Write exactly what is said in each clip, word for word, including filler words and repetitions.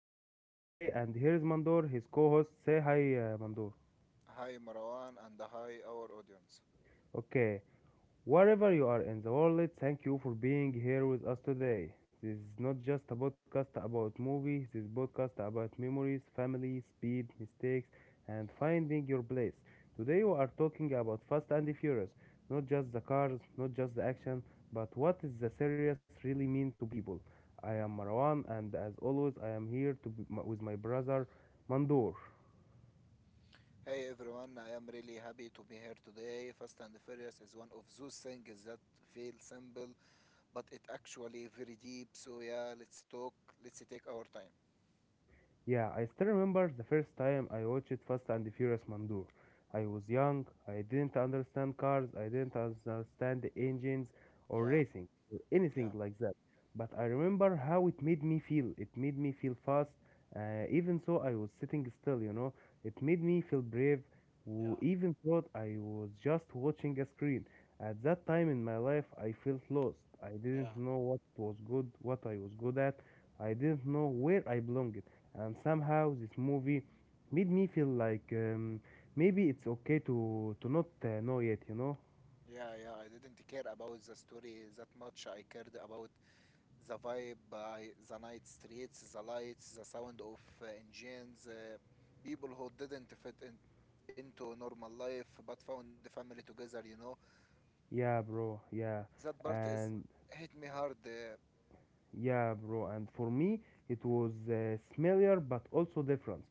host for today, and here is Mandor, his co-host. Say hi, uh, Mandor. Hi Marwan and hi our audience. Okay. Wherever you are in the world, thank you for being here with us today. This is not just a podcast about movies, this is podcast about memories, family, speed, mistakes, and finding your place. Today we are talking about Fast and the Furious, not just the cars, not just the action, but what is the series really mean to people. I am Marwan and as always I am here to be m- with my brother Mandur. Hey everyone, I am really happy to be here today. Fast and Furious is one of those things that feel simple, but it actually very deep. So yeah, let's talk. Let's take our time. Yeah, I still remember the first time I watched Fast and Furious Mandur. I was young, I didn't understand cars, I didn't understand the engines or Yeah, racing or anything yeah, like that. But I remember how it made me feel. It made me feel fast, uh, even though I was sitting still, you know. It made me feel brave, w- yeah, even though I was just watching a screen. At that time in my life, I felt lost. I yeah, didn't know what was good, what I was good at. I didn't know where I belonged and somehow this movie made me feel like um, maybe it's okay to to not uh, know yet, you know. yeah, yeah. I didn't care about the story that much. I cared about the vibe, by the night streets, the lights, the sound of uh, engines, uh, people who didn't fit in into normal life but found the family together you know Yeah, bro, That part yeah, is hit me and hard. Uh, yeah, bro, and for me it was uh, smellier but also different.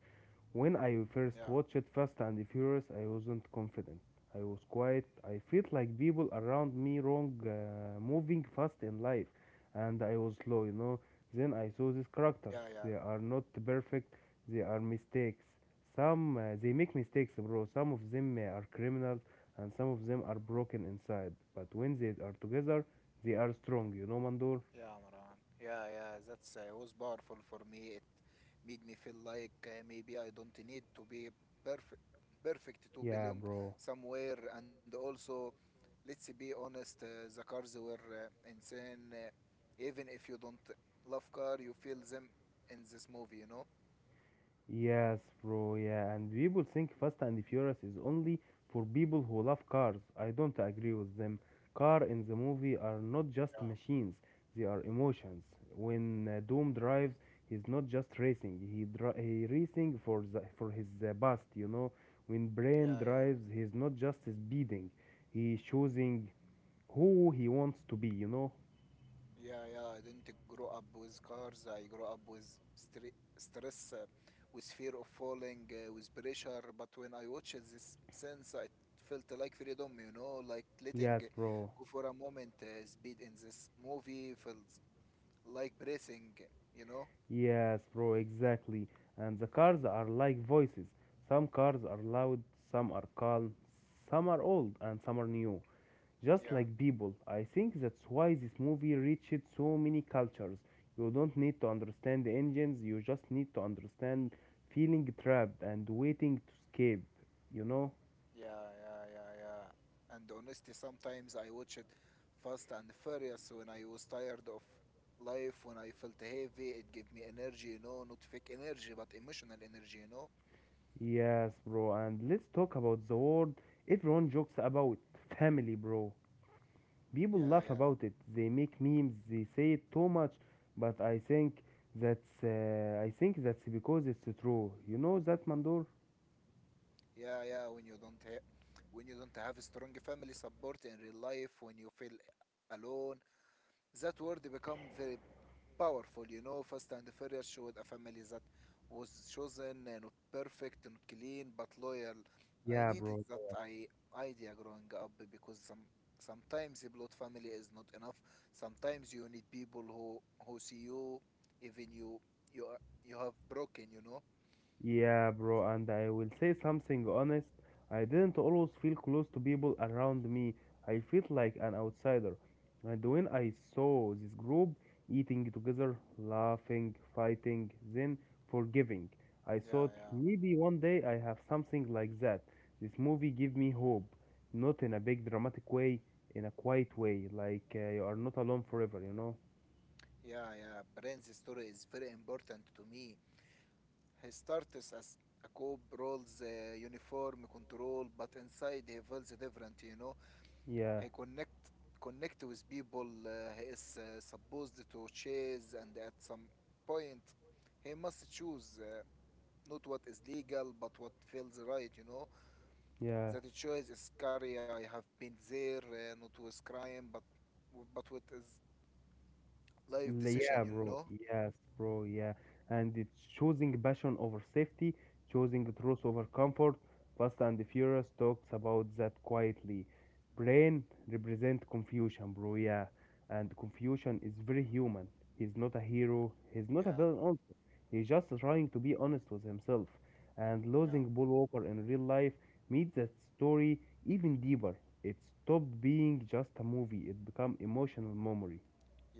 When I first Yeah, watched Fast and Furious, I wasn't confident. I was quiet. I felt like people around me wrong, uh, moving fast in life, and I was slow, you know. Then I saw these characters. yeah, yeah, They are not perfect. They are mistakes. Some uh, They make mistakes, bro. Some of them uh, are criminals, and some of them are broken inside. But when they are together, they are strong, you know, Mandor. yeah, Amran. Yeah, yeah, that's uh, was powerful for me. It made me feel like uh, maybe I don't need to be perfect, perfect to Yeah, belong bro. somewhere. And also, let's be honest, uh, the cars were uh, insane. Uh, even if you don't love car, you feel them in this movie. You know? Yes, bro, yeah, and people think Fast and Furious is only for people who love cars. I don't agree with them. Car in the movie are Yeah, not just machines, they are emotions. When uh, Doom drives, he's not just racing, he dri- he racing for the, for his uh, past, you know. When Brain yeah, yeah. drives, he's not just speeding, he's choosing who he wants to be, you know. Yeah, yeah. I didn't grow up with cars. I grew up with stre stress, uh, with fear of falling, uh, with pressure. But when I watched this sense, I felt like freedom, you know, like letting Yes, bro. go for a moment. Uh, speed in this movie feels like breathing, you know? Yes, bro, exactly. And the cars are like voices. Some cars are loud, some are calm, some are old, and some are new. Just Yeah. like people. I think that's why this movie reached so many cultures. You don't need to understand the engines, you just need to understand feeling trapped and waiting to escape, you know? Yeah, yeah, yeah, yeah. And honestly, sometimes I watch it Fast and Furious when I was tired of life, when I felt heavy. It gave me energy, you know, not fake energy, but emotional energy, you know. Yes, bro, and let's talk about the word everyone jokes about family, bro. People Yeah, laugh yeah, about it. They make memes. They say it too much, but I think that's uh, I think that's because it's true. You know that, Mandor? yeah, yeah. When you don't have, when you don't have a strong family support in real life, when you feel alone, that word become very powerful. You know, Fast and Furious showed a family that was chosen, uh, not perfect, not clean, but loyal. I Yeah, needed bro. that I idea growing up, because some sometimes the blood family is not enough. Sometimes you need people who who see you, even you you are, you have broken. You know. Yeah, bro, and I will say something honest. I didn't always feel close to people around me. I felt like an outsider. And when I saw this group eating together, laughing, fighting, then forgiving, I Yeah, thought yeah. maybe one day I have something like that. This movie gave me hope, not in a big dramatic way, in a quiet way, like uh, you are not alone forever, you know? Yeah, yeah. Brand's story is very important to me. He starts as a cop, rolls the uniform control, but inside he feels different, you know. Yeah, He connect connect with people uh, he is uh, supposed to chase, and at some point he must choose uh, not what is legal, but what feels right, you know. yeah. That choice is scary. I have been there, uh, not with crime, but but with his life decision, Yeah, you bro. know. Yes, bro. Yeah. And it's choosing passion over safety, choosing truth over comfort. Fast and Furious talks about that quietly. Brain represent confusion, bro. Yeah. And confusion is very human. He's not a hero. He's not a Yeah, villain also. He's just trying to be honest with himself. And yeah. losing Paul Walker in real life made that story even deeper. It stopped being just a movie. It became emotional memory.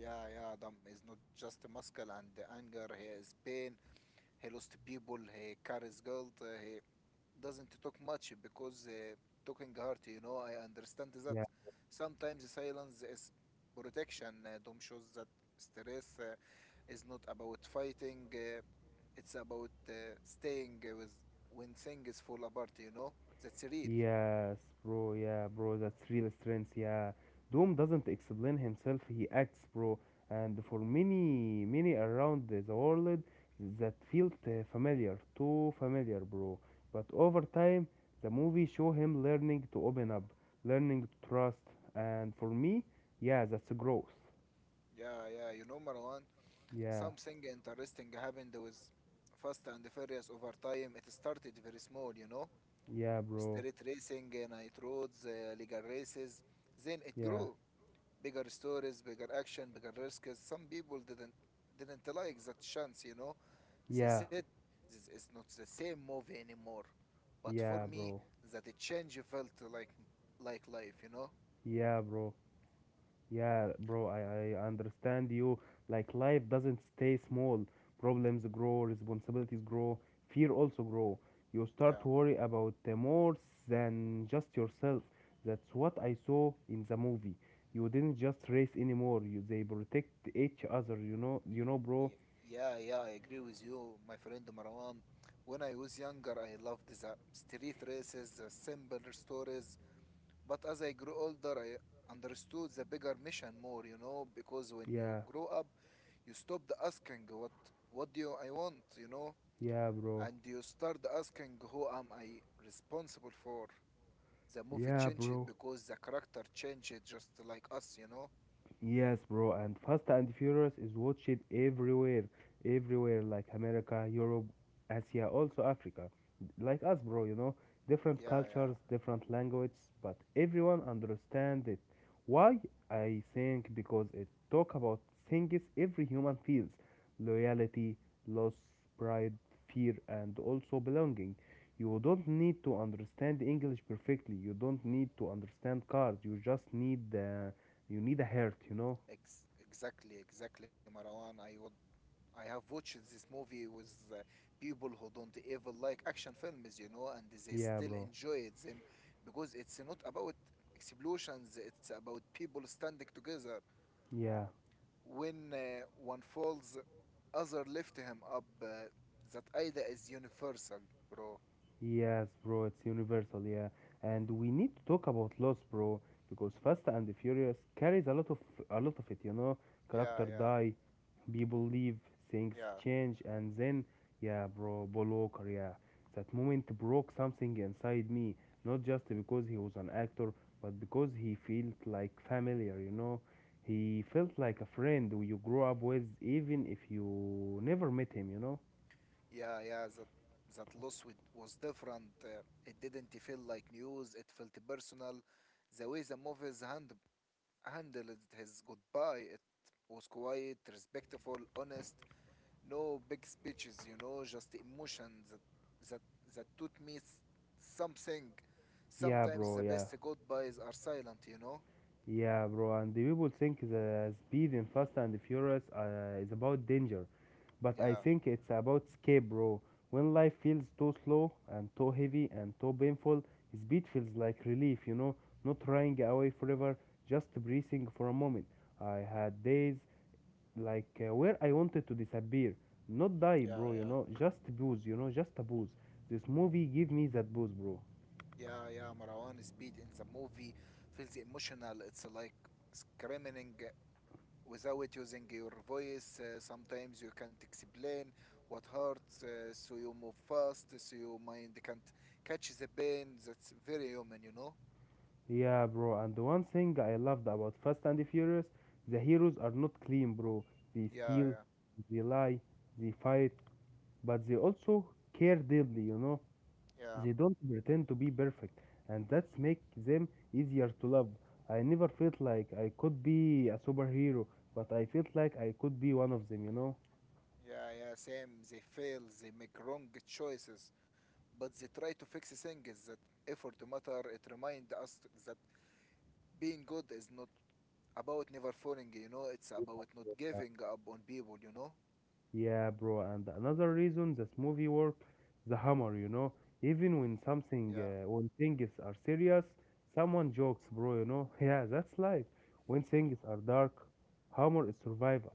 Yeah, yeah, Adam is not just muscle and anger, he is pain, he lost people, he carries guilt. Uh, he doesn't talk much because uh, talking hurt you know I understand that Yeah. sometimes silence is protection. Uh, dom shows that stress uh, is not about fighting, uh, it's about uh, staying with when things fall apart you know that's real. Yes, bro. Yeah, bro. That's real strength. Yeah. Doom doesn't explain himself. He acts, bro. And for many, many around the the world that felt uh, familiar, too familiar, bro. But over time, the movie show him learning to open up, learning to trust. And for me, yeah, that's growth. Yeah, yeah, you know, Marwan, Yeah. something interesting happened with Fast and Furious over time. It started very small you know Yeah, bro. Street racing, uh, night roads, uh, legal races. Then it Yeah. grew. Bigger stories, bigger action, bigger risks. Some people didn't didn't like that chance, you know. They Yeah. said this is not the same movie anymore. But for Yeah, me, bro. that a change felt like like life, you know. Yeah, bro. Yeah, bro, I, I understand you. Like life doesn't stay small. Problems grow, responsibilities grow, fear also grow. You start Yeah. to worry about uh, more than just yourself. That's what I saw in the movie. You didn't just race anymore. You they protect each other. You know, you know, bro. Ye- Yeah, yeah, I agree with you, my friend Marwan. When I was younger, I loved the street races, the simple stories. But as I grew older, I understood the bigger mission more, you know, because when you Yeah, grow up, you stopped asking what what do I want, you know, yeah, bro. and you start asking who am I responsible for. The movie Yeah, changed bro. because the character changed just like us, you know. Yes, bro, and Fast and Furious is watched everywhere, everywhere, like America, Europe, Asia, also Africa. Like us, bro, you know, different Yeah, cultures, yeah. different languages, but everyone understand it. Why? I think because it talk about things every human feels: loyalty, loss, pride, fear, and also belonging. You don't need to understand English perfectly. You don't need to understand cars. You just need uh, you need a heart, you know? Ex- exactly, exactly, Marwan. I would I have watched this movie with uh, people who don't ever like action films, you know, and they Yeah, still bro. enjoy them because it's not about explosions, it's about people standing together. Yeah. When uh, one falls, other lift him up. Uh, that idea is universal, bro. Yes, bro, it's universal, yeah. And we need to talk about loss, bro, because Fast and Furious carries a lot of a lot of it, you know? Yeah, Character yeah, die, people leave, things yeah, change, and then, yeah, bro, Paul Walker, yeah. That moment broke something inside me, not just because he was an actor, but because he felt like familiar, you know? He felt like a friend who you grow up with, even if you never met him, you know? yeah, yeah. That that loss with, was different. Uh, it didn't feel like news. It felt personal. The way the movies handled. handled his goodbye. It was quiet, respectful, honest. No big speeches, you know, just emotions that that that taught me s- something. Yeah, Sometimes bro. the Yeah, best goodbyes are silent, you know. yeah, bro. And the people think the speed in Fast and Furious uh, is about danger, but Yeah, I think it's about escape, bro. When life feels too slow and too heavy and too painful, speed feels like relief. You know, not running away forever, just breathing for a moment. I had days like uh, where I wanted to disappear, not die, yeah, bro. You yeah. know, just booze. You know, just a booze. This movie gave me that booze, bro. Yeah, yeah. Marwan, speed in the movie feels emotional. It's like screaming without using your voice. Uh, sometimes you can't explain what hurts, uh, so you move fast, so your mind can't catch the pain. That's very human, you know? Yeah, bro. And the one thing I loved about Fast and the Furious, the heroes are not clean, bro. They Yeah, steal, yeah, they lie, they fight, but they also care deeply, you know. yeah, They don't pretend to be perfect, and that's make them easier to love. I never felt like I could be a superhero, but I felt like I could be one of them, you know. yeah, yeah. Same, they fail, they make wrong choices, but they try to fix things, that effort matter. It reminds us that being good is not about never falling, you know? It's about not giving up on people, you know? Yeah, bro, and another reason this movie work, the humor, you know, even when something, Yeah. uh, when things are serious, someone jokes, bro, you know. Yeah, that's life. When things are dark, humor is survival.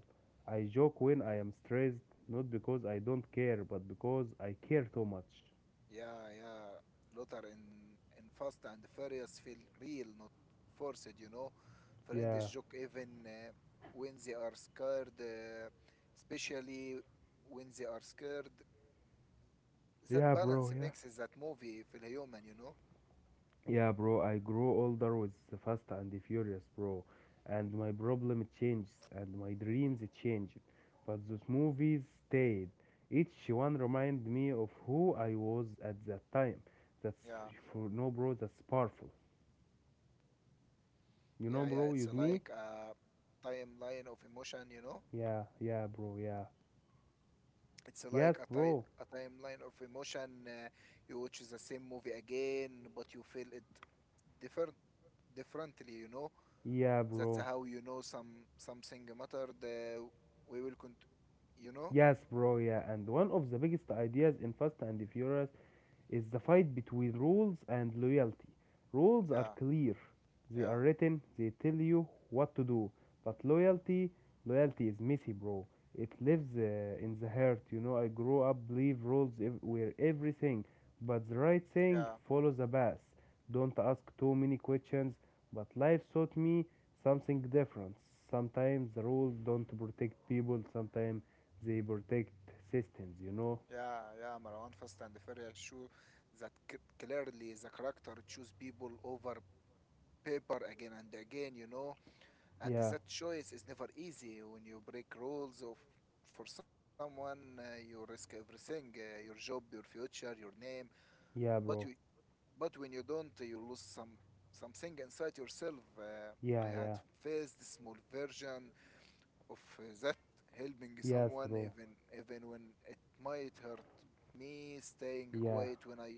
I joke when I am stressed, not because I don't care, but because I care too much. Yeah, yeah, Lothar in in Fast and Furious feel real, not forced. You know, friends Yeah, joke even uh, when they are scared, uh, especially when they are scared. That yeah, bro, balance yeah. makes that movie feel human. You know. Yeah, bro, I grow older with the Fast and the Furious, bro. And my problem changes and my dreams changed. But those movies stayed. Each one reminded me of who I was at that time. Yeah, That's for no bro, that's powerful. You yeah, know yeah. bro, It's use like me? a timeline of emotion. You know. Yeah, yeah bro, yeah. It's like Yes a, ti- bro. a timeline of emotion. Uh, you watch the same movie again, but you feel it different differently. You know Yeah That's bro. how you know some something mattered. Uh, we will cont you know? Yes bro, yeah. And one of the biggest ideas in Fast and the Furious is the fight between rules and loyalty. Rules are Yeah, clear. They are yeah, written, they tell you what to do. But loyalty, loyalty is messy, bro. It lives uh, in the heart. You know, I grew up believe rules ev- were everything. But the right thing, yeah, follow the path. Don't ask too many questions. But life taught me something different. Sometimes the rules don't protect people. Sometimes they protect systems. You know? yeah, yeah. Marwan, Fast and the Furious show that c clearly the character choose people over paper again and again, you know? And Yeah, that choice is never easy. When you break rules of for someone, uh, you risk everything, uh, your job, your future, your name. yeah, but you bro. but when you don't, uh, you lose some something inside yourself. uh, I Yeah, had yeah. faced a small version of uh, that, helping Yes, someone bro. even even when it might hurt me, staying Yeah. quiet when I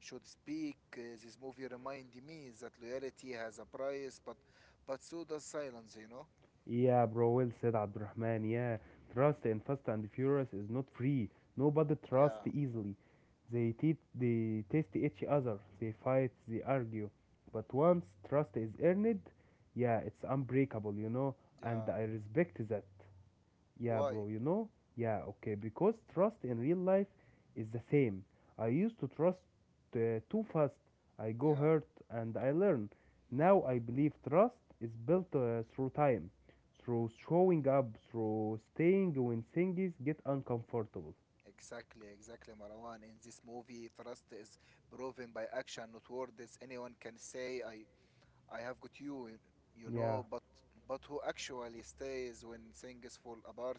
should speak. Uh, this movie reminded me that loyalty has a price, but but so does silence you know Yeah, bro. Well said, Abdurrahman. Yeah. Trust in Fast and Furious is not free. Nobody trusts Yeah, easily. They, te- they test each other, they fight, they argue. But once trust is earned, yeah, it's unbreakable, you know, and yeah. I respect that. Yeah, Why? bro, you know? Yeah, okay, because trust in real life is the same. I used to trust uh, too fast. I go Yeah, hurt and I learn. Now I believe trust is built uh, through time, through showing up, through staying when things get uncomfortable. exactly, exactly, Marwan, in this movie trust is proven by action, not words. Anyone can say i I have got you, you Yeah, know, but but who actually stays when things fall apart?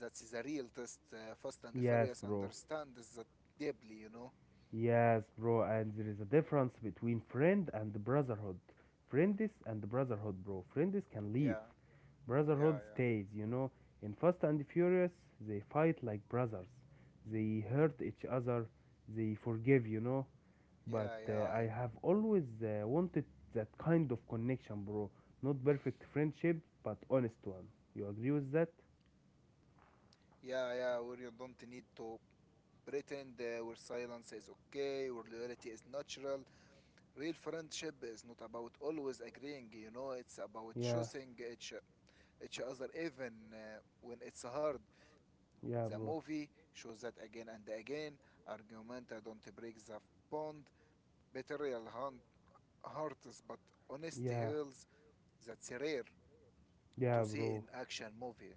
That's a real test. Uh, Fast and yes, Furious bro. understands that deeply, you know. Yes, bro, and there is a difference between friend and brotherhood. Friendis and brotherhood, bro. Friendis can leave. Yeah, yeah, Brotherhood yeah, stays, you know. In Fast and Furious, they fight like brothers. They hurt each other. They forgive, you know. But yeah, yeah, uh, I I- have always uh, wanted that kind of connection, bro. Not perfect friendship, but honest one. You agree with that? yeah, yeah. Where you don't need to pretend, uh, where silence is okay, where loyalty is natural. Real friendship is not about always agreeing, you know. It's about Yeah, choosing each each other, even uh, when it's hard. yeah, The bro. movie shows that again and again. Argumenta don't break the bond. Betrayal hunt hurts, but honesty Yeah, heals. That's rare yeah, to see bro. in action movie.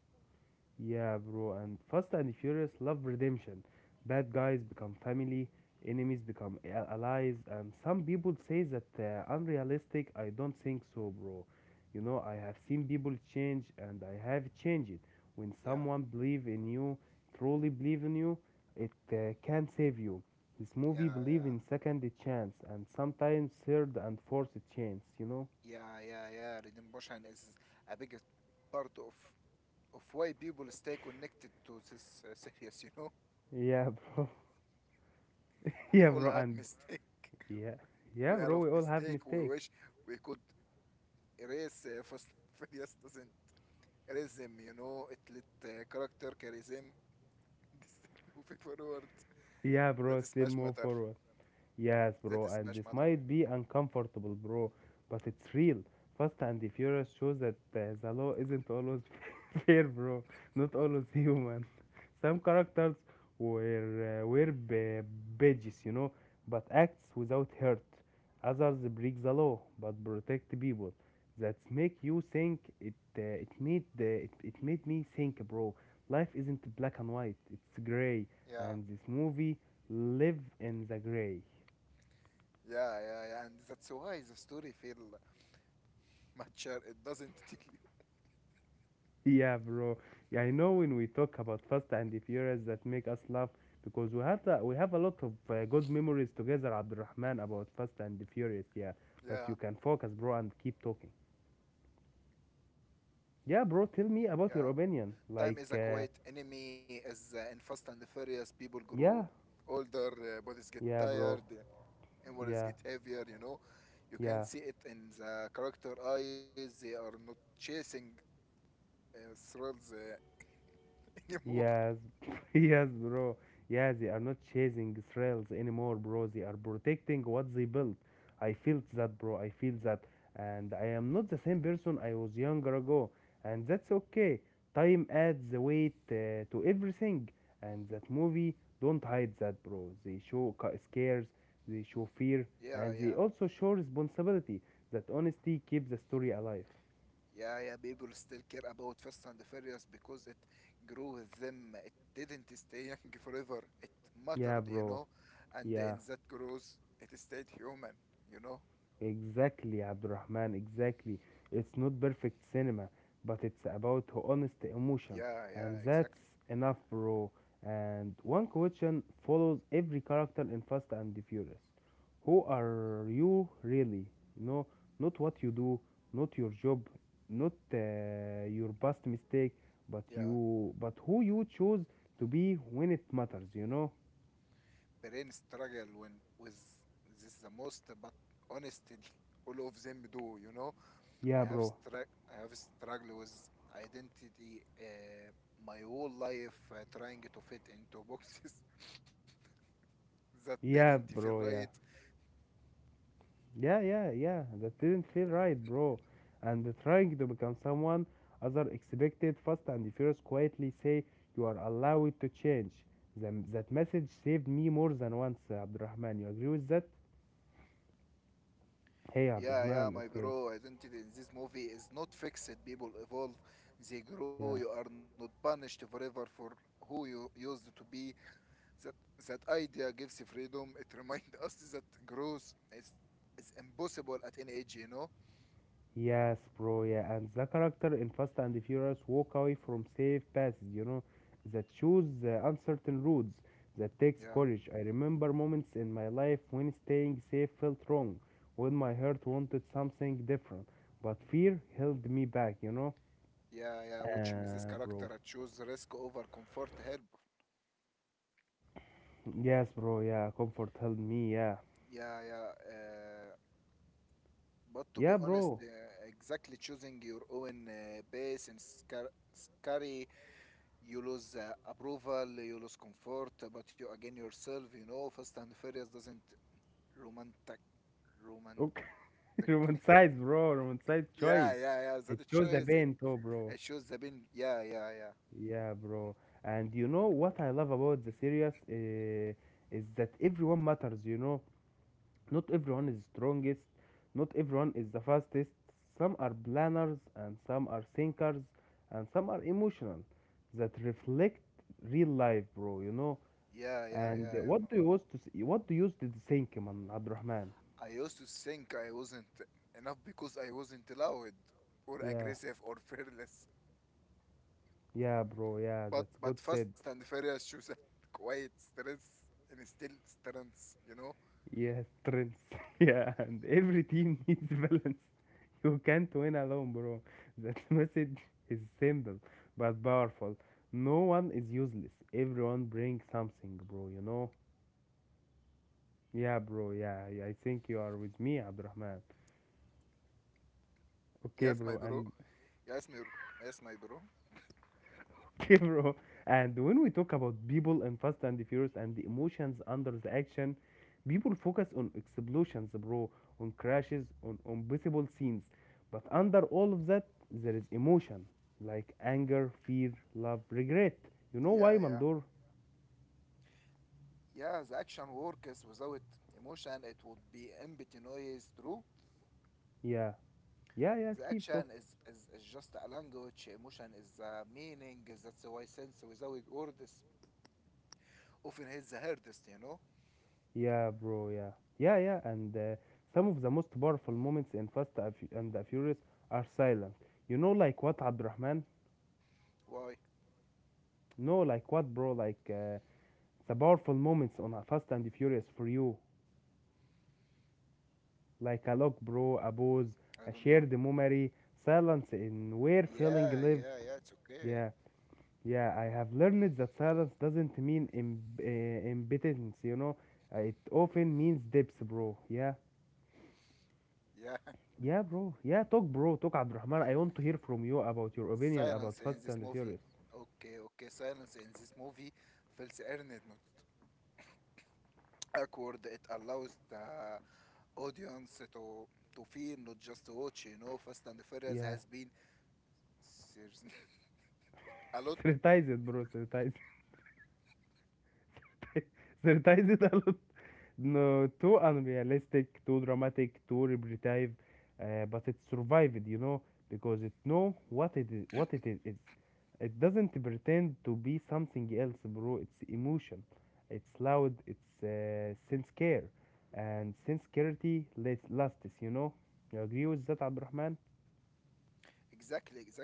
Yeah, bro. And Fast and Furious love redemption. Bad guys become family, enemies become a- allies, and some people say that uh, unrealistic. I don't think so, bro. You know, I have seen people change, and I have changed it. When Yeah, someone believe in you, truly believe in you, it uh, can save you. This yeah, movie believe yeah, in second chance, and sometimes third and fourth chance. You know? yeah, yeah, yeah. Redemption is a big part of of why people stay connected to this uh, series. You know, Yeah, bro. we Yeah, all bro. have And mistake. yeah, yeah, We all bro. have We all have mistake. We mistake. wish we could erase. uh, Fast and Furious doesn't erase them. You know, it let uh, character carry them distinct movie forward. Yeah, That bro, is still Smash move Matter. forward. Yes, That bro, is and Smash this Matter, you might know. be uncomfortable, bro, but it's real. Fast and the Furious shows that uh, the law isn't always fair, bro. Not always human. Some characters were uh, were b- badges, you know, but acts without hurt. Others break the law but protect people. That make you think it. Uh, it made the, it, it made me think, bro. Life isn't black and white. It's gray, Yeah. and this movie live in the gray. Yeah, yeah, yeah. And that's why the story feel mature. It doesn't tell you. Yeah, bro. Yeah, I know when we talk about Fast and the Furious that make us laugh because we had a, we have a lot of uh, good memories together, Abdurrahman, about Fast and the Furious. Yeah, but you Yeah, can focus, bro, and keep talking. Yeah, bro. Tell me about yeah. your opinion. Time is a Like, uh, quiet enemy, as uh, in Fast and the Furious people grow Yeah, older, uh, bodies get yeah, tired, bro. uh, inwards get Yeah, heavier, you know. You can yeah. see it in the character eyes. They are not chasing uh, thrills uh, anymore. Yes, yes, bro. Yeah, they are not chasing thrills anymore, bro. They are protecting what they built. I felt that, bro. I feel that. And I am not the same person I was younger ago. And that's okay. Time adds the weight uh, to everything. And that movie don't hide that, bro. They show ca- scares, they show fear, Yeah, and they yeah. also show responsibility. That honesty keeps the story alive. Yeah, yeah, people still care about Fast and the Furious because it grew with them. It didn't stay young forever. It Yeah, mattered, you bro. know, and Yeah. in that growth, it stayed human, you know. Exactly, Abdurrahman, exactly. It's not perfect cinema, but it's about honest emotion, Yeah, yeah, and that's exactly. enough, bro. And one question follows every character in Fast and the Furious. Who are you really? You know, not what you do, not your job, not uh, your past mistake, but Yeah, you, but who you choose to be when it matters, you know? brain struggle when with this the most, but honestly, all of them do, you know. I Yeah, have bro. strugg I have struggled with identity uh, my whole life, uh, trying to fit into boxes that didn't Yeah, feel bro, right. yeah. Yeah, yeah, yeah. That didn't feel right, bro. And the trying to become someone other expected, Fast and Furious quietly say you are allowed to change. The that message saved me more than once, uh, Abdurrahman. You agree with that? Hey, Yeah, yeah, Abdurrahman. my Okay, bro. Identity in this movie is not fixed. People evolve, they grow. You yeah. are not punished forever for who you used to be. That that idea gives you freedom. It reminds us that growth is is impossible at any age. You know? Yes, bro, yeah, and the character in Fast and Furious walk away from safe passes, you know, that choose the uncertain routes, that takes Yeah, courage. I remember moments in my life when staying safe felt wrong, when my heart wanted something different, but fear held me back, you know? yeah, yeah. Watching this Uh, character bro. I choose risk over comfort help. Yes, bro, yeah, comfort held me, yeah. Yeah, yeah. Uh, but to be Yeah, honest, uh, bro. exactly choosing your own uh, base and scar- scary. You lose uh, approval, you lose comfort, but you again yourself. you know, Fast and Furious doesn't romantic, Okay, romantic. romanticize, bro, romanticize Yeah, choice. yeah, yeah. That It it chose the shows it. pain too, bro. It shows the been. Yeah, yeah, yeah, Yeah, bro. And you know what I love about the series uh, is that everyone matters, you know. Not everyone is strongest, not everyone is the fastest. Some are planners and some are thinkers and some are emotional that reflect real life, bro, you know. yeah, yeah, And yeah, yeah, what do you Marwan. used to s- what do you used to think, man, Abdurrahman? I used to think I wasn't enough because I wasn't loud or Yeah, aggressive or fearless. yeah, bro, yeah, But that's but good Fast said. and Furious shows that quiet stress and still strength, you know. Yes, trends. Yeah, and every team needs balance. You can't win alone, bro. That message is simple but powerful. No one is useless. Everyone brings something, bro, you know? Yeah, bro, yeah, yeah. I think you are with me, Abdurrahman. Okay, Yes, my bro, bro. and Yes, my yes, my bro. yeah, bro. And when we talk about people in Fast and Furious and the emotions under the action, people focus on explosions, bro, on crashes, on on visible scenes. But under all of that, there is emotion like anger, fear, love, regret. You know Yeah, why, yeah. Mandor? Yeah, the action works without emotion, it would be empty noise, true. Yeah, yeah, yeah, The keep action talking. is, is, is just a language, emotion is a meaning, that's why sense without words often hits the hardest, you know? Yeah, bro, yeah. Yeah, yeah, and uh, some of the most powerful moments in Fast and Fu- and the Furious are silent. You know, like what, Abdurrahman? Why? No, like what, bro? Like uh, The powerful moments on Fast and Furious for you, like a look, bro, a I pose, don't know. a shared memory, silence in where feeling Yeah, live. yeah, yeah, it's okay. Yeah, yeah, I have learned that silence doesn't mean im- uh, impotence, you know. Uh, it often means depth, bro. Yeah, Yeah, yeah, bro. Yeah, talk, bro. Talk, Abdurrahman. I want to hear from you about your opinion about silence in Fast this and movie. Furious. Okay, okay, silence in this movie feels earned, not awkward. It allows the audience to to feel, not just to watch. You know, Fast and the Furious Yeah. has been serious. A lot. Sanitize it, bro. Sanitize it. Sanitize it a lot. No, too unrealistic, too dramatic, too repetitive, uh, but it survived, you know, because it know what it is, what it is. It's, it doesn't pretend to be something else, bro. It's emotion. It's loud. It's uh, sense care, and sense clarity lasts, lasts. You know, you agree with that, Abdurrahman? Exactly, exactly.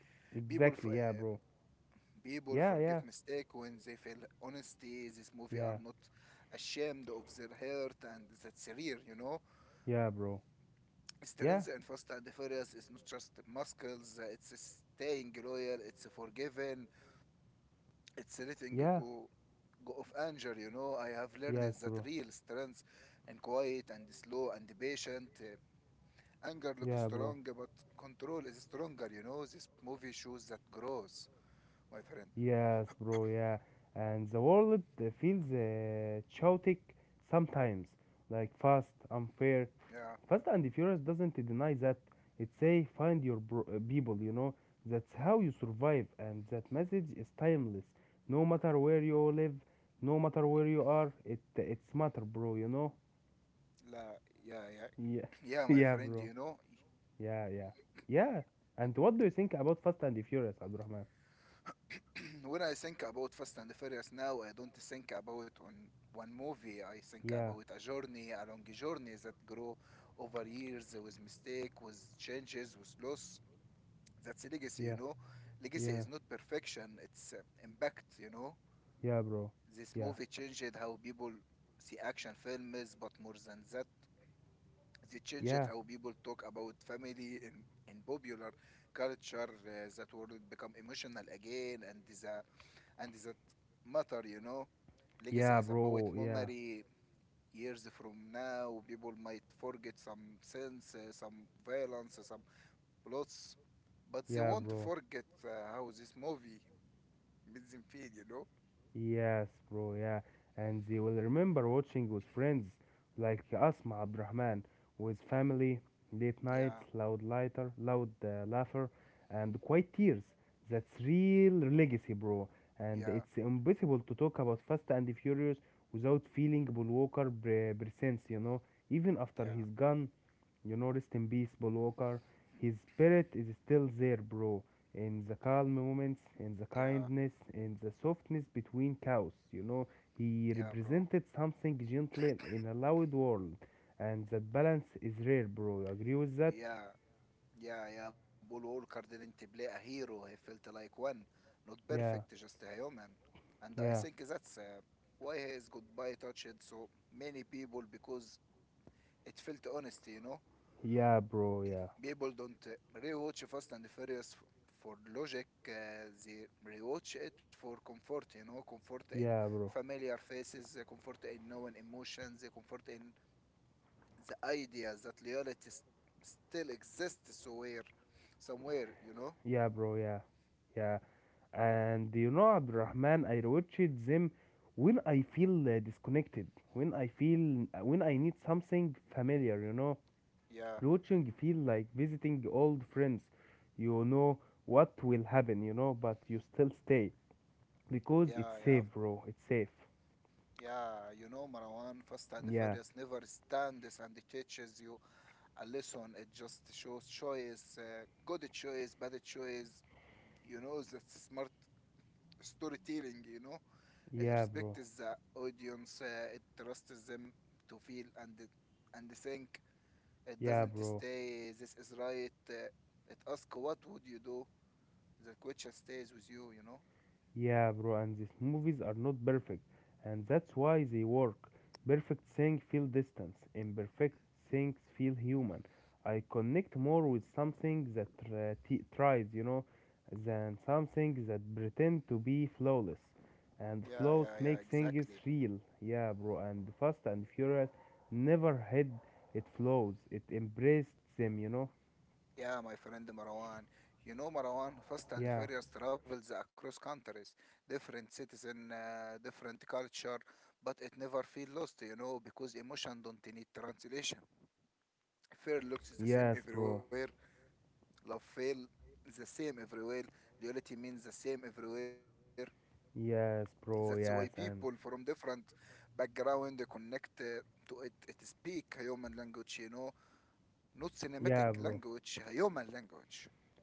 people f- Exactly. Yeah, uh, bro. People Yeah, forgive yeah, mistake when they feel honesty, this movie are yeah, not ashamed of their hurt, and that's real, you know. yeah, bro. Yeah, Strength in Fast and the Furious is not just muscles, uh, it's staying loyal, it's forgiving, it's letting yeah, go go of anger. You know, I have learned yes, that bro. real strength and quiet and slow and patient, uh, anger looks Yeah, bro. strong but control is stronger. You know, this movie shows that growth, my friend. Yes, bro, yeah. And the world uh, feels uh, chaotic sometimes, like fast, unfair. Yeah, Fast and Furious doesn't deny that. It say find your bro- uh, people, you know. That's how you survive, and that message is timeless. No matter where you live, no matter where you are, it it's matter, bro, you know. la, yeah, yeah, Yeah, yeah, my yeah, friend. You bro. know, Yeah, yeah, yeah. And what do you think about Fast and Furious, Abdurrahman? when I think about Fast and the Furious now, I don't think about on one movie. I think Yeah, about a journey, a long journey that grow over years with mistake, with changes, with loss. That's a legacy, you yeah, know. Legacy yeah, is not perfection; it's uh, impact, you know. yeah, bro. This Yeah. movie changed how people see action films, but more than that, they changed it, Yeah, how people talk about family in, in popular culture, uh, that would become emotional again, and is a and is that matter, you know. Legacy yeah, is about bro. Yeah, memory. Years from now, people might forget some sense, uh, some violence, uh, some plots, but they yeah, won't bro. forget uh, how this movie made them feel, you know. Yes, bro. Yeah, and they will remember watching with friends like Asma Abdurrahman with family, late nights, Yeah, loud lighter, loud uh, laughter, and quiet tears. That's real legacy, bro. And yeah, it's impossible to talk about Fast and the Furious without feeling Paul Walker pre- presence, you know, even after he's yeah, gone. You know, rest in peace, Paul Walker. His spirit is still there, bro. In the calm moments, in the yeah, kindness, in the softness between cows, you know, he yeah, bro, represented something gentle in a loud world, and that balance is rare, bro. You agree with that? yeah. Yeah, yeah, Paul Walker didn't play a hero. He felt like one, not perfect, Yeah, just a human. And I think yeah, that's uh, why his goodbye touched so many people, because it felt honesty. You know, yeah, bro, yeah, people don't uh, rewatch Fast and Furious f- for logic, uh, they rewatch it for comfort, you know, comfort in yeah, bro, familiar faces, uh, comfort in known emotions, uh, comfort in the ideas that reality s- still exists somewhere, somewhere, you know. yeah, bro, yeah, yeah. And you know, Abdurrahman, I rewatched them when I feel uh, disconnected, when I feel, uh, when I need something familiar, you know. Yeah. Rewatching feel like visiting old friends. You know what will happen, you know, but you still stay because it's Yeah, yeah, safe, bro. It's safe. yeah. You know, Marwan, Fast and Yeah, Furious never stands and teaches you a lesson. It just shows choice, uh, good choice, bad choice. You know, that's smart storytelling. You know, it yeah, bro. respects the audience. Uh, it trusts them to feel and and think. It Yeah, doesn't bro. stay. This is right. Uh, it asks, what would you do? The question stays with you. You know. Yeah, bro, and these movies are not perfect, and that's why they work. Perfect things feel distance, imperfect things feel human. I connect more with something that uh, t- tries, you know, than something that pretend to be flawless. And Yeah, flaws yeah, yeah. make things Exactly. real. Yeah, bro, and Fast and Furious never had its flaws. It embraced them, you know. Yeah, my friend Marwan. You know, Marwan, Fast and Yeah. Furious travels across countries, different cities and uh, different culture, but it never feels lost, you know, because emotion don't need translation. Fear looks the same Yes, bro. everywhere, love feel the same everywhere, loyalty means the same everywhere. Yes, That's why bro. people Yes, from and different background connect uh, to it. It speak a human language, you know, not cinematic yeah, bro. language, a human language.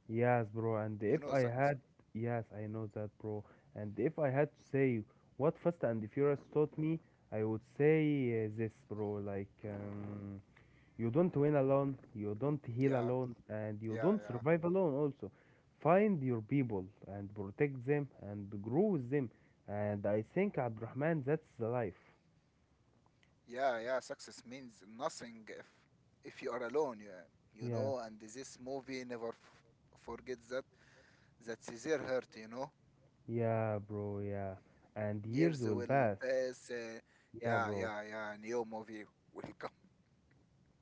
Yes, bro. And You know if that. I had, yes, I know that, bro. And if I had to say what Fast and the Furious taught me, I would say uh, this, bro. Like, um, you don't win alone, you don't heal Yeah. alone, and you Yeah, don't yeah, survive alone, also. Find your people and protect them and grow with them. And I think, Abdurrahman, that's the life. yeah, yeah. Success means nothing if if you are alone. You, you Yeah, know, and this movie never f- forgets that. That's their hurt. You know, yeah, bro, yeah. And years years will will pass. pass. Uh, Yeah, yeah, bro. yeah, yeah. New movie will come.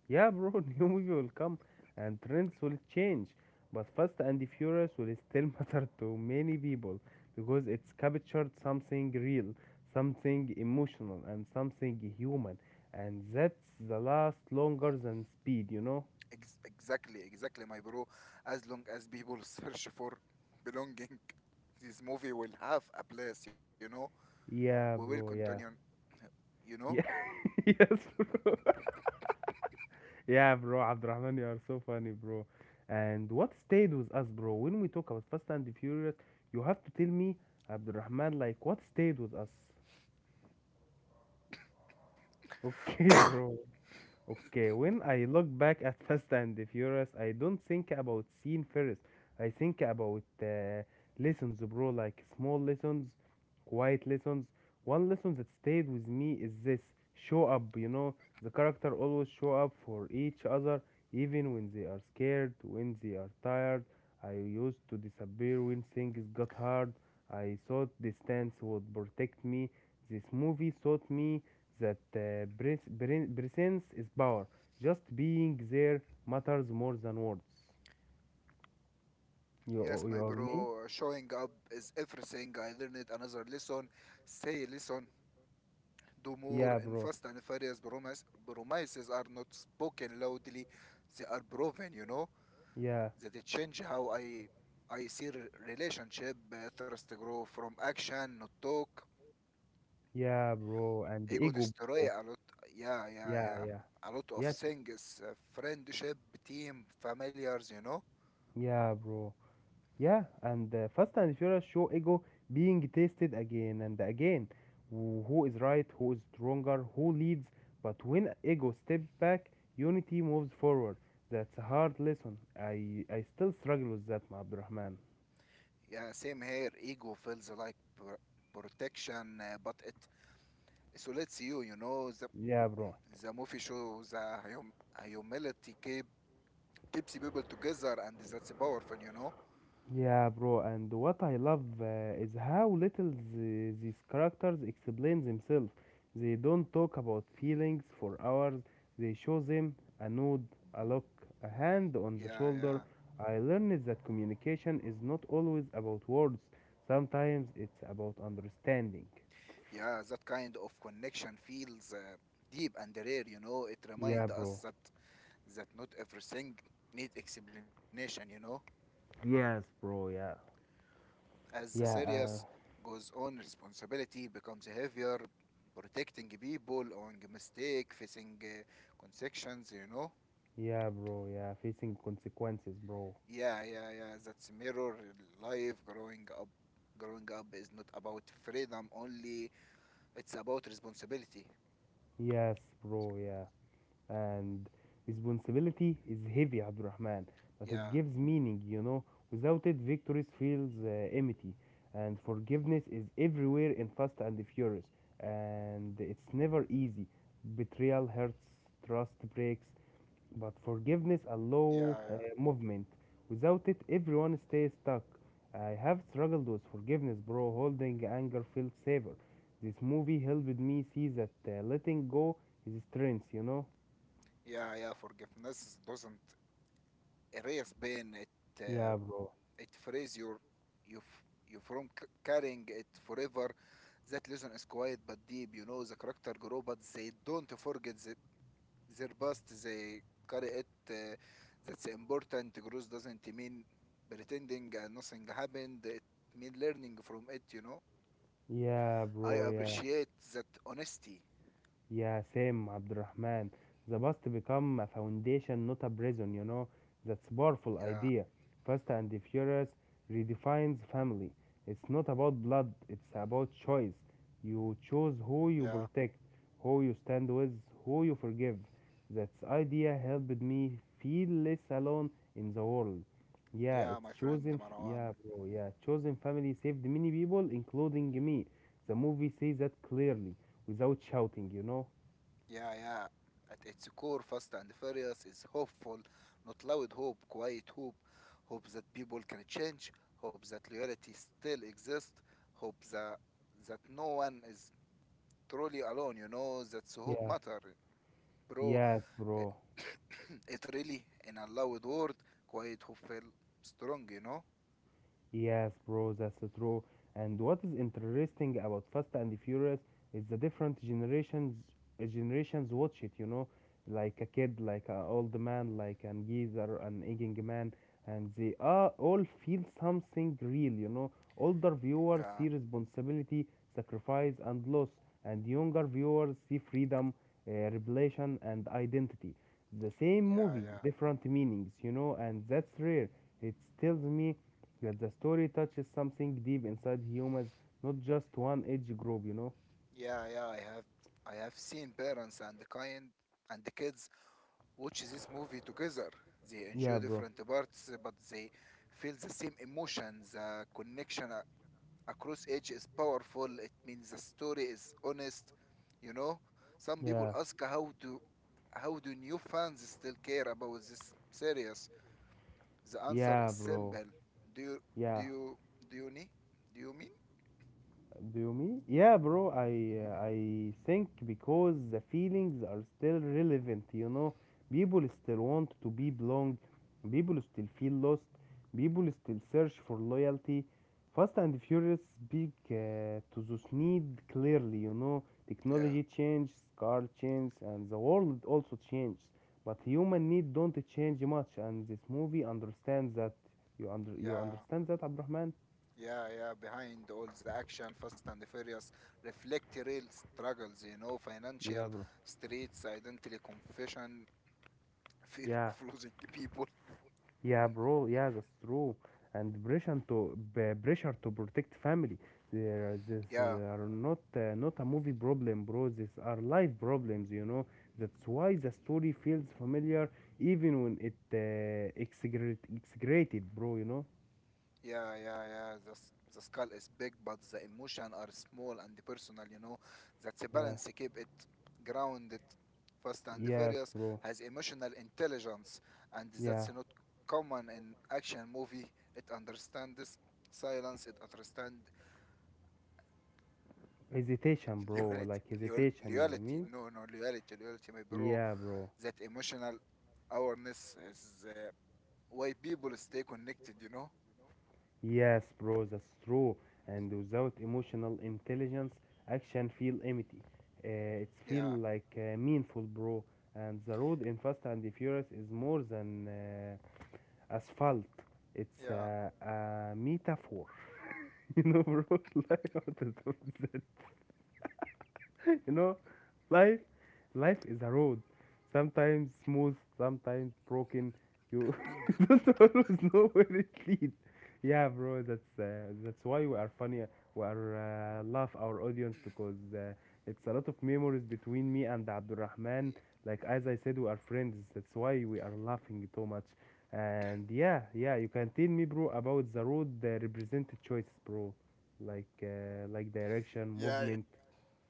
Yeah, bro, new movie will come and trends will change. But Fast and the Furious will still matter to many people because it's captured something real, something emotional, and something human. And that's the last longer than speed, you know? Ex- exactly, exactly, my bro. As long as people search for belonging, this movie will have a place. You know, we will Yeah, bro, continue. yeah. You know. Yeah, yes, bro. Yeah, bro, Abdurrahman, you are so funny, bro. And what stayed with us, bro, when we talk about Fast and the Furious, you have to tell me, Abdurrahman, like, what stayed with us? Okay, bro. Okay, when I look back at Fast and the Furious, I don't think about scene first. I think about uh, lessons, bro, like small lessons, quiet lessons. One lesson that stayed with me is this show up, you know, the character always show up for each other, even when they are scared, when they are tired. I used to disappear when things got hard. I thought distance would protect me. This movie taught me that uh, pres- pre- presence is power. Just being there matters more than words. Yes, You you my hear me? bro, showing up is everything. I learned another lesson. Say, listen, do Yeah, more in bro. Fast and Furious promise. Promises are not spoken loudly. They are proven, you know, Yeah, that it change how I I see re- relationship, uh, trust grow from action, not talk. yeah, bro. And the Ego ego, destroy bro. a lot. Yeah, yeah, Yeah, yeah. yeah, A lot of yeah, t- things. Uh, friendship, team, familiars, you know. yeah, bro. Yeah, and uh, Fast and Furious show ego being tested again and again. Wh- Who is right? Who is stronger? Who leads? But when ego steps back, unity moves forward. That's a hard lesson. I I still struggle with that, my Abdurrahman. Yeah, same here. Ego feels like pr- protection, uh, but it. So let's see you, you know, the Yeah, bro. the movie shows the hum humility keep, keeps people together, and that's powerful, you know. Yeah, bro. And what I love uh, is how little the, these characters explain themselves. They don't talk about feelings for hours. They show them a nod, a look, a hand on the Yeah, shoulder. yeah, I learned that communication is not always about words. Sometimes it's about understanding. yeah. That kind of connection feels uh, deep and rare, you know. It Yeah, reminds us bro. that that not everything needs explanation, you know. Yes, bro. Yeah. As the Yeah. series Uh, goes on, responsibility becomes heavier, protecting people on mistake, facing uh, consequences, you know. yeah, bro. Yeah. Facing consequences, bro. Yeah, yeah, yeah. That's mirror life growing up. Growing up is not about freedom only, it's about responsibility. Yes, bro. Yeah. And responsibility is heavy, Abdurrahman, but it Yeah, gives meaning, you know. Without it, victories feels uh, empty, and forgiveness is everywhere in Fast and Furious, and it's never easy. Betrayal hurts, trust breaks, but forgiveness yeah, allow yeah. uh, movement. Without it, everyone stays stuck. I have struggled with forgiveness, bro. Holding anger feels safer. This movie helped me see that uh, letting go is strength, you know. Yeah, yeah. Forgiveness doesn't erase pain, it uh, Yeah, bro. it frees your you f- you from c- carrying it forever. That lesson is quiet but deep, you know, the character grow but they don't forget that their past, they carry it, uh, that's important. Growth doesn't mean pretending and nothing happened, it means learning from it, you know. Yeah, I bro. Yeah. appreciate that honesty. Yeah, same, Abdurrahman. The past become a foundation, not a prison, you know. That's powerful Yeah, idea. Fast and Furious redefines family. It's not about blood, it's about choice. You choose who you yeah, protect, who you stand with, who you forgive. That idea helped me feel less alone in the world. Yeah, yeah, my it's friend chosen. f- Yeah, Marwan. bro. Yeah, chosen family saved many people, including me. The movie says that clearly without shouting, you know? Yeah, yeah, at its core Fast and Furious is hopeful, not loud hope, quiet hope. Hope that people can change, hope that loyalty still exists, hope that that no one is truly alone. You know, that's hope Yeah. matter, bro. Yes, bro. It really in a loud word, quite who feel strong, you know. Yes, bro, that's true. And what is interesting about Fast and Furious is the different generations uh, generations watch it, you know, like a kid, like an old man, like an geezer, an aging man, and they uh, all feel something real, you know. Older viewers Yeah, see responsibility, sacrifice, and loss, and younger viewers see freedom, uh, revelation, and identity. The same yeah, movie, yeah, different meanings, you know, and that's rare. It tells me that the story touches something deep inside humans, not just one age group, you know? yeah, yeah. I have i have seen parents and the kind and the kids watch this movie together. They enjoy Yeah, bro. different parts, but they feel the same emotions. The connection a- across age is powerful, it means the story is honest, you know. Some people Yeah. ask, how do how do new fans still care about this series? The answer is Yeah, bro. simple. Do you do Yeah. you do you need do you mean? Do you mean? Yeah, bro. I uh, I think because the feelings are still relevant. You know, people still want to be belong. People still feel lost. People still search for loyalty. Fast and Furious speak uh, to this need clearly. You know, Yeah, technology changes, car changes, and the world also changes. But human need don't change much, and this movie understands that. You under you yeah, understand that, Abrahman? yeah, yeah. Behind all the action, Fast and the Furious reflect real struggles. You know, Yeah, financial bro. streets, identity, confession, fear Yeah. of losing people. Yeah, bro. Yeah, that's true. And pressure to b- pressure to protect family. There, are- this Yeah, uh, are not uh, not a movie problem, bro. These are life problems. You know. That's why the story feels familiar, even when it uh, exaggerate- exaggerated, bro. You know. yeah, yeah, yeah. The, s- the skull is big, but the emotion are small and personal, you know. That's a Yeah. balance. Keep it grounded. Fast and Yes, Furious bro. has emotional intelligence, and Yeah. that's not common in action movie. It understands silence. It understands Hesitation, bro. loyalty. Like Loyal, hesitation. You loyalty. mean? No, no, loyalty, loyalty, my bro. Yeah, bro. That emotional awareness is uh, why people stay connected, you know. Yes, bro, that's true. And without emotional intelligence, action feel empty. Uh, it's feel Yeah, like uh, meaningful, bro. And the road in Fast and the Furious is more than uh, asphalt. It's yeah, uh, a metaphor, you know, bro. Like what is that? You know, life life is a road, sometimes smooth, sometimes broken. You don't always know where it leads. Yeah, bro, that's uh, that's why we are funny. We are uh, love our audience because uh, it's a lot of memories between me and Abdulrahman. Like as I said, we are friends, that's why we are laughing so much. And yeah, yeah, you can tell me, bro, about the road that represented choices, bro. Like uh, like direction, yeah. movement.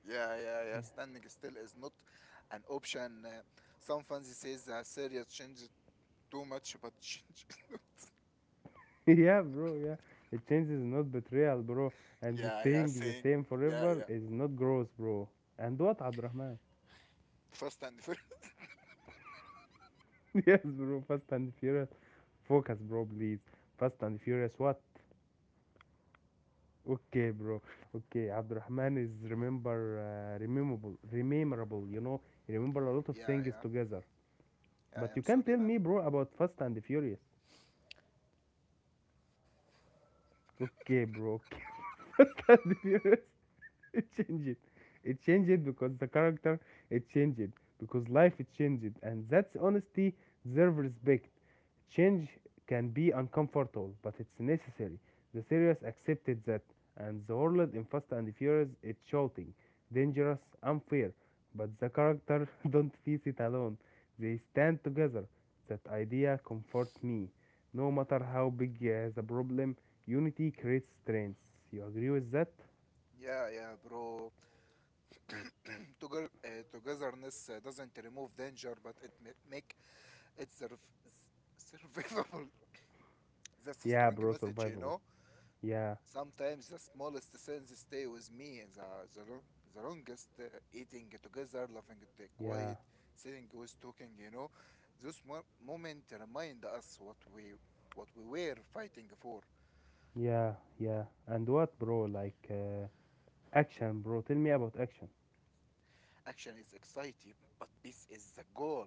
Yeah, yeah, yeah. Standing still is not an option. Uh, some fans says uh, Syria changed too much, but change not. Yeah, bro. Yeah, the change is not betrayal, bro. And Yeah, yeah. staying the Saying, same yeah, forever yeah. is not growth, bro. And what, Abdurrahman? First and first. Yes, bro. Fast and Furious. Focus, bro, please. Fast and Furious. What? Okay, bro. Okay, Abdurrahman is remember, uh, rememberable, rememberable. You know, he remember a lot of Yeah, things yeah, together. yeah. But you I'm can tell sorry, man. me, bro, about Fast and Furious. Okay, bro. Okay. Fast and Furious. It changed. It changed because the character it changed because life it changed, and that's honesty deserves respect. Change can be uncomfortable, but it's necessary. The series accepted that, and the world in Fast and Furious is shouting, dangerous, unfair. But the character don't face it alone. They stand together. That idea comforts me. No matter how big uh, the problem, unity creates strength. You agree with that? Yeah, yeah, bro. Together, uh, togetherness uh, doesn't remove danger, but it ma- make it surv- s- survivable. That's a Yeah, strong bro, message, you survivable. know. Yeah, Sometimes the smallest sins stay with me, and the, the, lo- the longest uh, eating together, laughing at the yeah, quiet, sitting with talking, you know. Those mo- moment remind us what we what we were fighting for. yeah, yeah. And what, bro? Like uh, action, bro. Tell me about action. Action is exciting, but peace is the goal.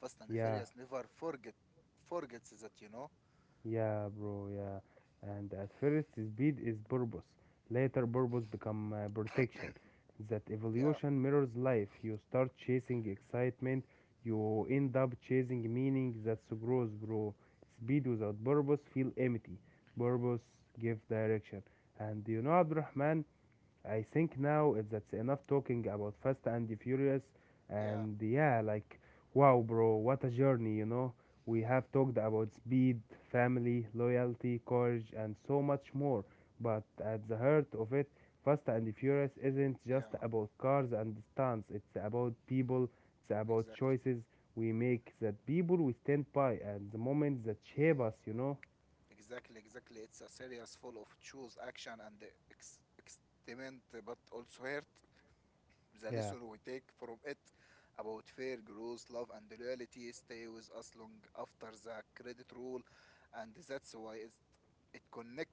Fast and the Yeah, Furious never forget forgets that, you know. yeah, bro. Yeah. And at first, speed is purpose. Later, purpose become uh, protection. That Yeah, evolution mirrors life. You start chasing excitement. You end up chasing meaning. That's gross, bro. Speed without purpose feel empty. Purpose give direction. And you know, Abdurrahman, I think now it- that's enough talking about Fast and the Furious. yeah, And yeah, like, wow, bro, what a journey, you know? We have talked about speed, family, loyalty, courage, and so much more. But at the heart of it, Fast and the Furious isn't just yeah, about cars and stunts, it's about people, it's about exactly. choices we make, that people we stand by, and the moments that shape us, you know? Exactly, exactly. It's a series full of choose action and the ex- experiment, but also hurt. The Yeah. lesson we take from it about fair growth, love, and loyalty stay with us long after the credit rule, and that's why it's, it connect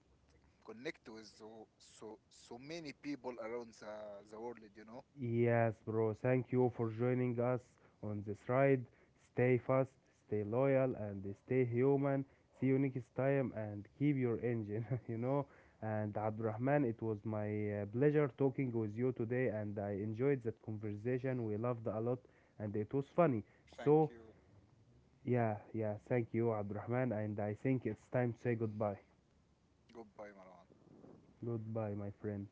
connect with so so so many people around the, the world. You know. Yes, bro. Thank you for joining us on this ride. Stay fast, stay loyal, and stay human. See you next time and keep your engine, you know. And Abdurrahman, it was my uh, pleasure talking with you today, and I enjoyed that conversation. We loved a lot, and it was funny. Thank So, you. yeah, yeah, thank you, Abdurrahman. And I think it's time to say goodbye. Goodbye, Marwan. Goodbye, my friend.